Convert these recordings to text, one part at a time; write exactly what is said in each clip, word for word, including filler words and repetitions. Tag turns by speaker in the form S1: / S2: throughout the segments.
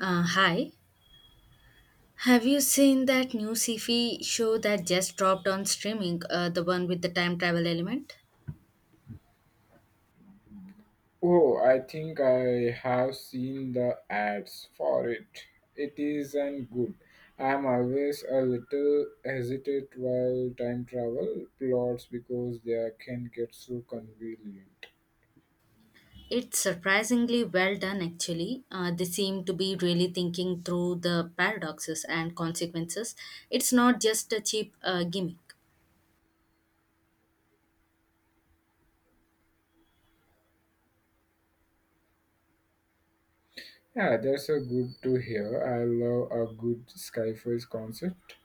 S1: Uh, hi. Have you seen that new sci-fi show that just dropped on streaming? Uh, the one with the time travel element.
S2: Oh, I think I have seen the ads for it. It is and good. I'm always a little hesitant while time travel plots because they can get so convenient.
S1: It's surprisingly well done, actually. Uh, they seem to be really thinking through the paradoxes and consequences. It's not just a cheap uh, gimmick.
S2: Yeah, that's a good to hear. I love a good skyfall concept,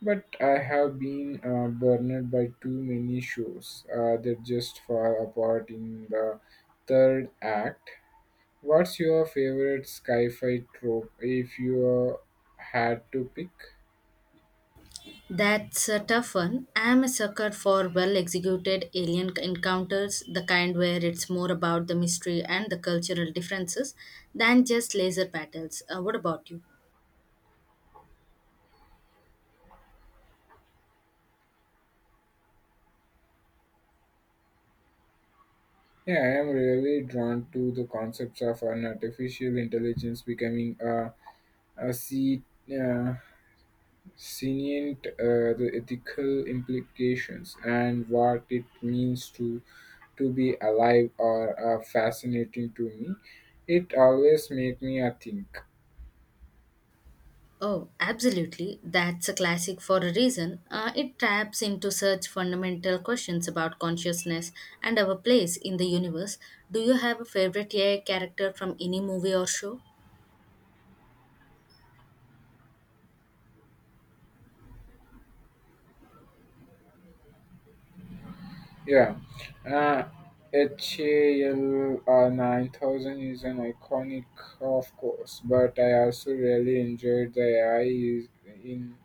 S2: but I have been uh, burned by too many shows uh, that just fall apart in the third act. What's your favorite sci-fi trope if you uh, had to pick?
S1: That's a tough one. I'm a sucker for well executed alien encounters, the kind where it's more about the mystery and the cultural differences than just laser battles. Uh, what about you?
S2: Yeah, I am really drawn to the concepts of an artificial intelligence becoming a, a se- uh, sentient, uh, the ethical implications and what it means to to be alive are uh, fascinating to me. It always make me a think.
S1: Oh, absolutely. That's a classic for a reason. Uh, it taps into such fundamental questions about consciousness and our place in the universe. Do you have a favorite A I character from any movie or show?
S2: Yeah, uh, HAL uh, nine thousand is an iconic, of course, but I also really enjoyed the A I is- in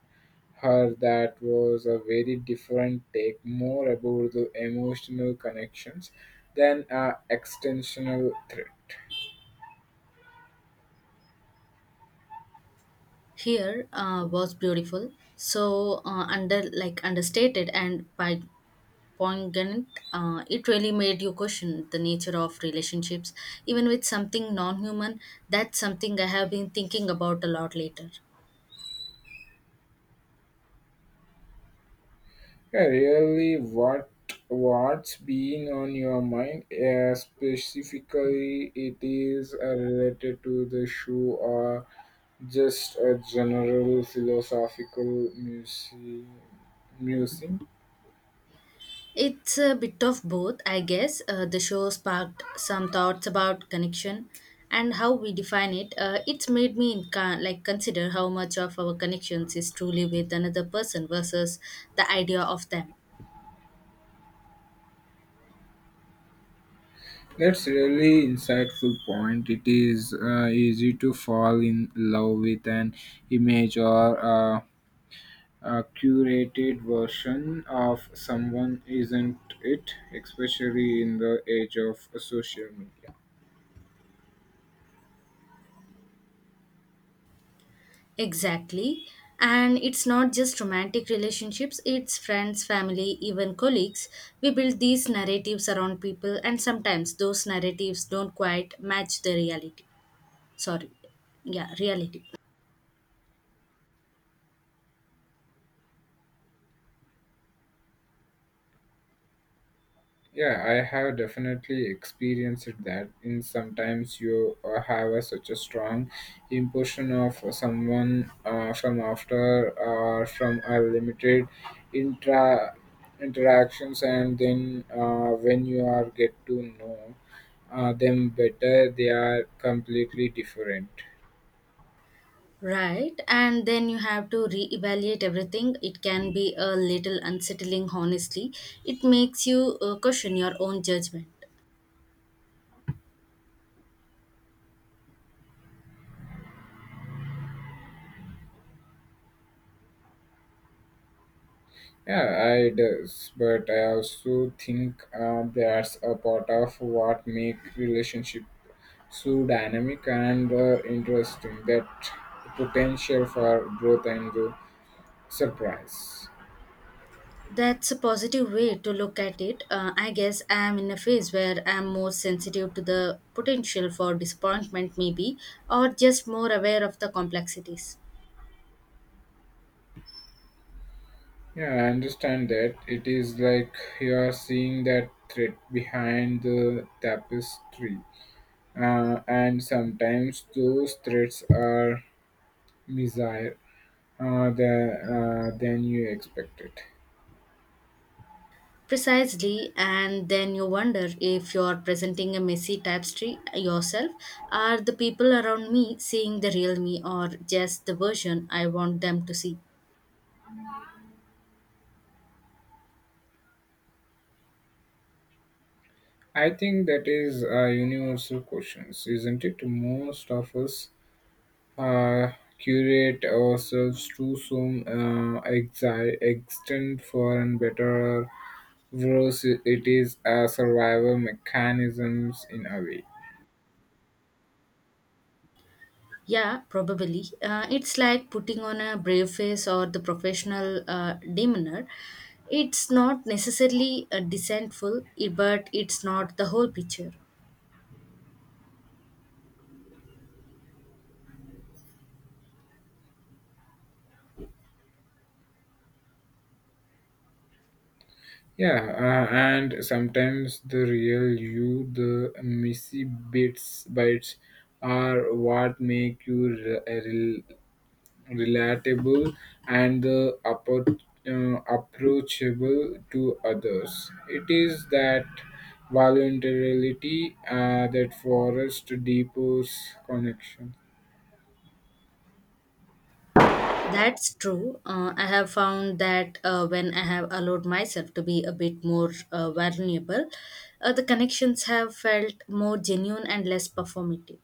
S2: her that was a very different take, more about the emotional connections than a extensional thread.
S1: Here uh, was beautiful, so uh, under like understated and by poignant. Uh, it really made you question the nature of relationships, even with something non-human. That's something I have been thinking about a lot later.
S2: Yeah, really, what what's been on your mind? Uh, specifically, it is uh, related to the shoe or just a general philosophical muse- musing.
S1: It's a bit of both, I guess. Uh, the show sparked some thoughts about connection and how we define it. Uh, it's made me inca- like consider how much of our connections is truly with another person versus the idea of them.
S2: That's really insightful point. It is uh, easy to fall in love with an image or a, a curated version of someone, isn't it? Especially in the age of social media.
S1: Exactly. And it's not just romantic relationships, it's friends, family, even colleagues. We build these narratives around people, and sometimes those narratives don't quite match the reality. Sorry, yeah, reality.
S2: Yeah, I have definitely experienced that. In sometimes you uh, have a, such a strong impression of someone uh, from after or from a limited intra interactions, and then uh, when you are get to know uh, them better, they are completely different.
S1: Right, and then you have to reevaluate everything. It can be a little unsettling, honestly. It makes you uh, question your own judgment.
S2: Yeah, I does, but I also think uh, that's a part of what make relationship so dynamic and uh, interesting that potential for growth and uh, surprise.
S1: That's a positive way to look at it. Uh, I guess I am in a phase where I am more sensitive to the potential for disappointment, maybe, or just more aware of the complexities.
S2: Yeah, I understand that. It is like you are seeing that thread behind the tapestry. Uh, and sometimes those threads are messier uh, the, uh, than you expected.
S1: Precisely, and then you wonder if you're presenting a messy tapestry yourself. Are the people around me seeing the real me or just the version I want them to see?
S2: I think that is a universal question, isn't it? Most of us uh, curate ourselves to some uh, exi- extent for and better or worse it is a survival mechanisms in a way.
S1: Yeah, probably. Uh, it's like putting on a brave face or the professional uh, demeanor. It's not necessarily uh, deceitful, i- but it's not the whole picture.
S2: Yeah, uh, and sometimes the real you the messy bits bites are what make you re- re- relatable and uh, appro- uh, approachable to others. It is that voluntarily uh, that forest deepens connection.
S1: That's true. Uh, I have found that uh, when I have allowed myself to be a bit more uh, vulnerable, uh, the connections have felt more genuine and less performative.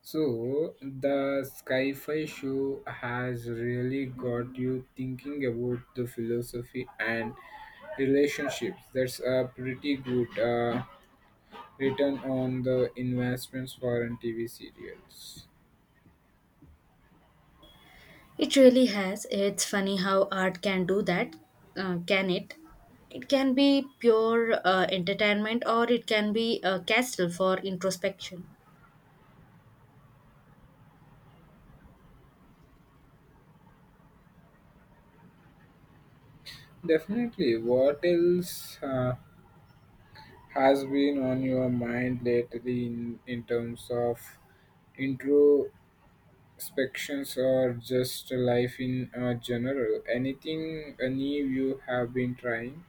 S2: So the sci-fi show has really got you thinking about the philosophy and relationships. That's a pretty good uh, return on the investments for a T V serials.
S1: It really has. It's funny how art can do that, uh, can it? It can be pure uh, entertainment or it can be a castle for introspection.
S2: Definitely. What else uh, has been on your mind lately in, in terms of introspections or just life in uh, general? Anything any you have been trying?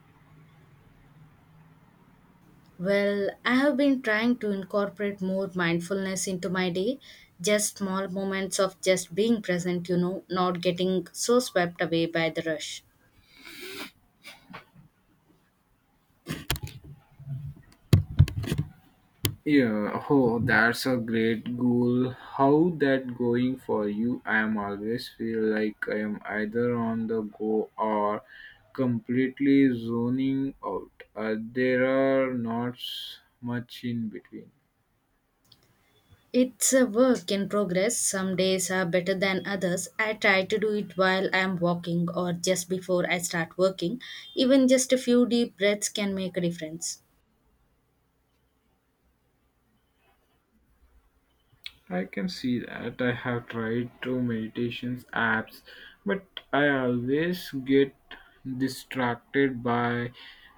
S1: Well, I have been trying to incorporate more mindfulness into my day, just small moments of just being present, you know, not getting so swept away by the rush.
S2: Yeah, oh, that's a great goal. How that going for you? I am always feel like I am either on the go or completely zoning out. Uh, there are not s- much in between.
S1: It's a work in progress. Some days are better than others. I try to do it while I'm walking or just before I start working. Even just a few deep breaths can make a difference.
S2: I can see that. I have tried two meditations apps, but I always get distracted by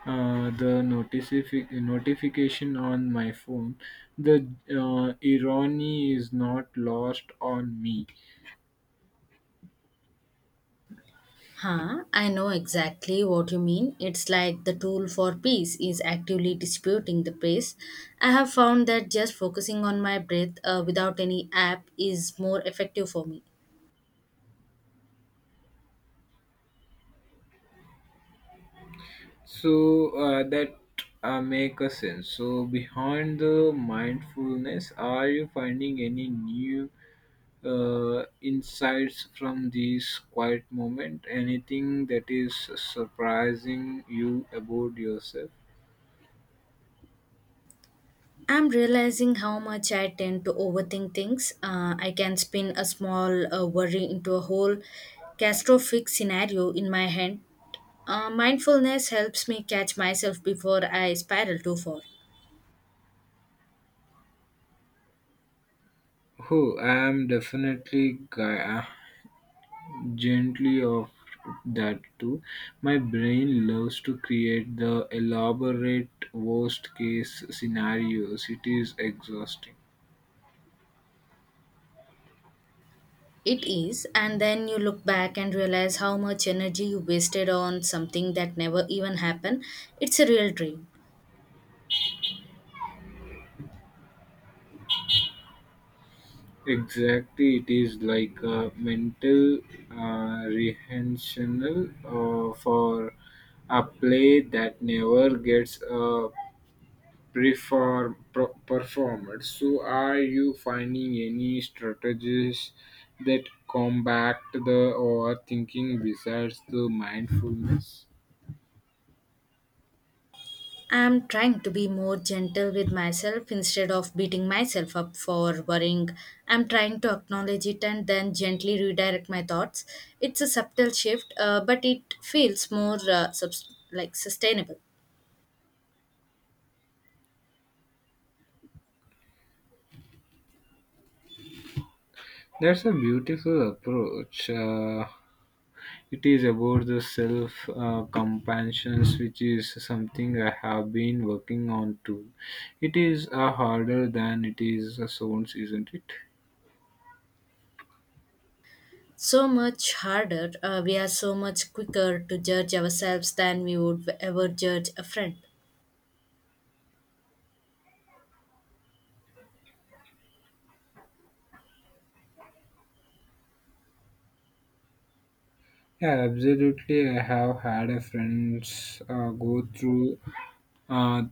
S2: uh, the notifi- notification on my phone. The uh, irony is not lost on me.
S1: Huh, I know exactly what you mean. It's like the tool for peace is actively disputing the pace. I have found that just focusing on my breath uh, without any app is more effective for me.
S2: So uh, that uh, make a sense. So behind the mindfulness, are you finding any new uh, insights from this quiet moment? Anything that is surprising you about yourself?
S1: I'm realizing how much I tend to overthink things. Uh, I can spin a small uh, worry into a whole catastrophic scenario in my head. Uh, mindfulness helps me catch myself before I spiral too far.
S2: Oh, I am definitely gui- gently of that too. My brain loves to create the elaborate worst case scenarios. It is exhausting.
S1: It is, and then you look back and realize how much energy you wasted on something that never even happened. It's a real drain.
S2: Exactly, it is like a mental uh, rehearsal uh, for a play that never gets uh, perform, per- performed. So, are you finding any strategies that combat the overthinking besides the mindfulness?
S1: I'm trying to be more gentle with myself instead of beating myself up for worrying. I'm trying to acknowledge it and then gently redirect my thoughts. It's a subtle shift, uh, but it feels more uh, subs- like sustainable,
S2: That's a beautiful approach. Uh, it is about the self uh, compassion, which is something I have been working on too. It is uh, harder than it is uh, sounds, isn't it?
S1: so much harder. Uh, we are so much quicker to judge ourselves than we would ever judge a friend.
S2: Yeah, absolutely. I have had a friends uh, go through uh,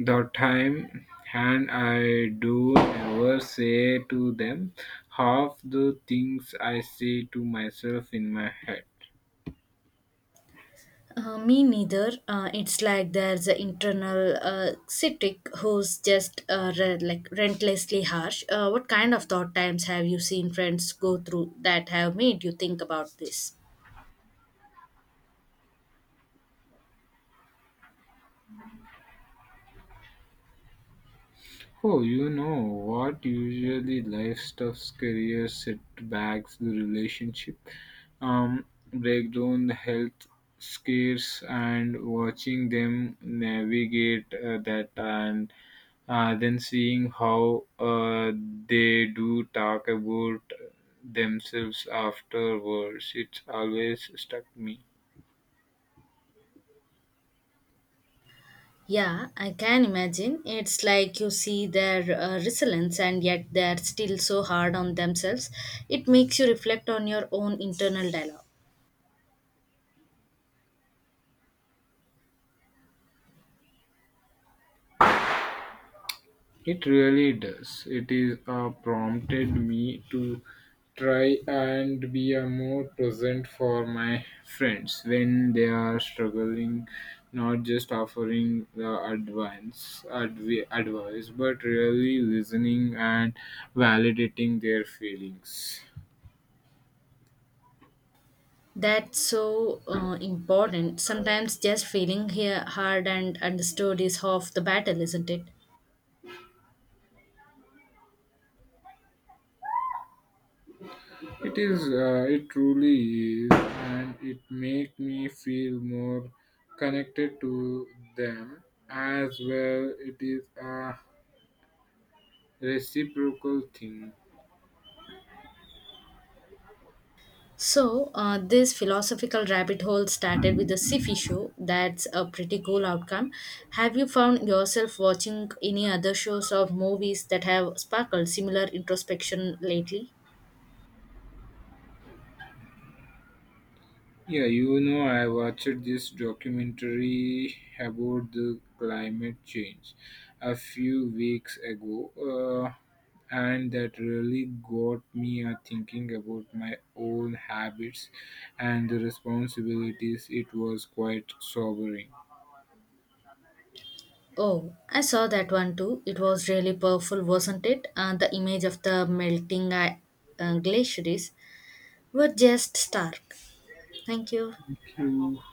S2: the time, and I do never say to them half the things I say to myself in my head.
S1: Uh, me neither. Uh, it's like there's an internal uh, critic who's just uh, re- like relentlessly harsh. Uh, what kind of thought times have you seen friends go through that have made you think about this?
S2: Oh, you know what usually life stuffs career setbacks, the relationship um, breakdown, the health scares, and watching them navigate uh, that, and uh, then seeing how uh, they do talk about themselves afterwards. It's always stuck me.
S1: Yeah, I can imagine. It's like you see their uh, resilience and yet they're still so hard on themselves. It makes you reflect on your own internal dialogue.
S2: It really does. It is uh, prompted me to try and be a more present for my friends when they are struggling, not just offering the advice, advi- advice, but really listening and validating their feelings.
S1: That's so uh, important. Sometimes just feeling here hard and understood is half the battle, isn't it?
S2: It is. Uh, it truly is, and it makes me feel more connected to them as well. It is a reciprocal thing.
S1: So, uh, this philosophical rabbit hole started with the sci show. That's a pretty cool outcome. Have you found yourself watching any other shows or movies that have sparkled similar introspection lately?
S2: Yeah, you know, I watched this documentary about the climate change a few weeks ago, uh, and that really got me uh, thinking about my own habits and the responsibilities. It was quite sobering.
S1: Oh, I saw that one too. It was really powerful, wasn't it? Uh, the image of the melting uh, uh, glaciers were just stark. Thank you.
S2: Thank you.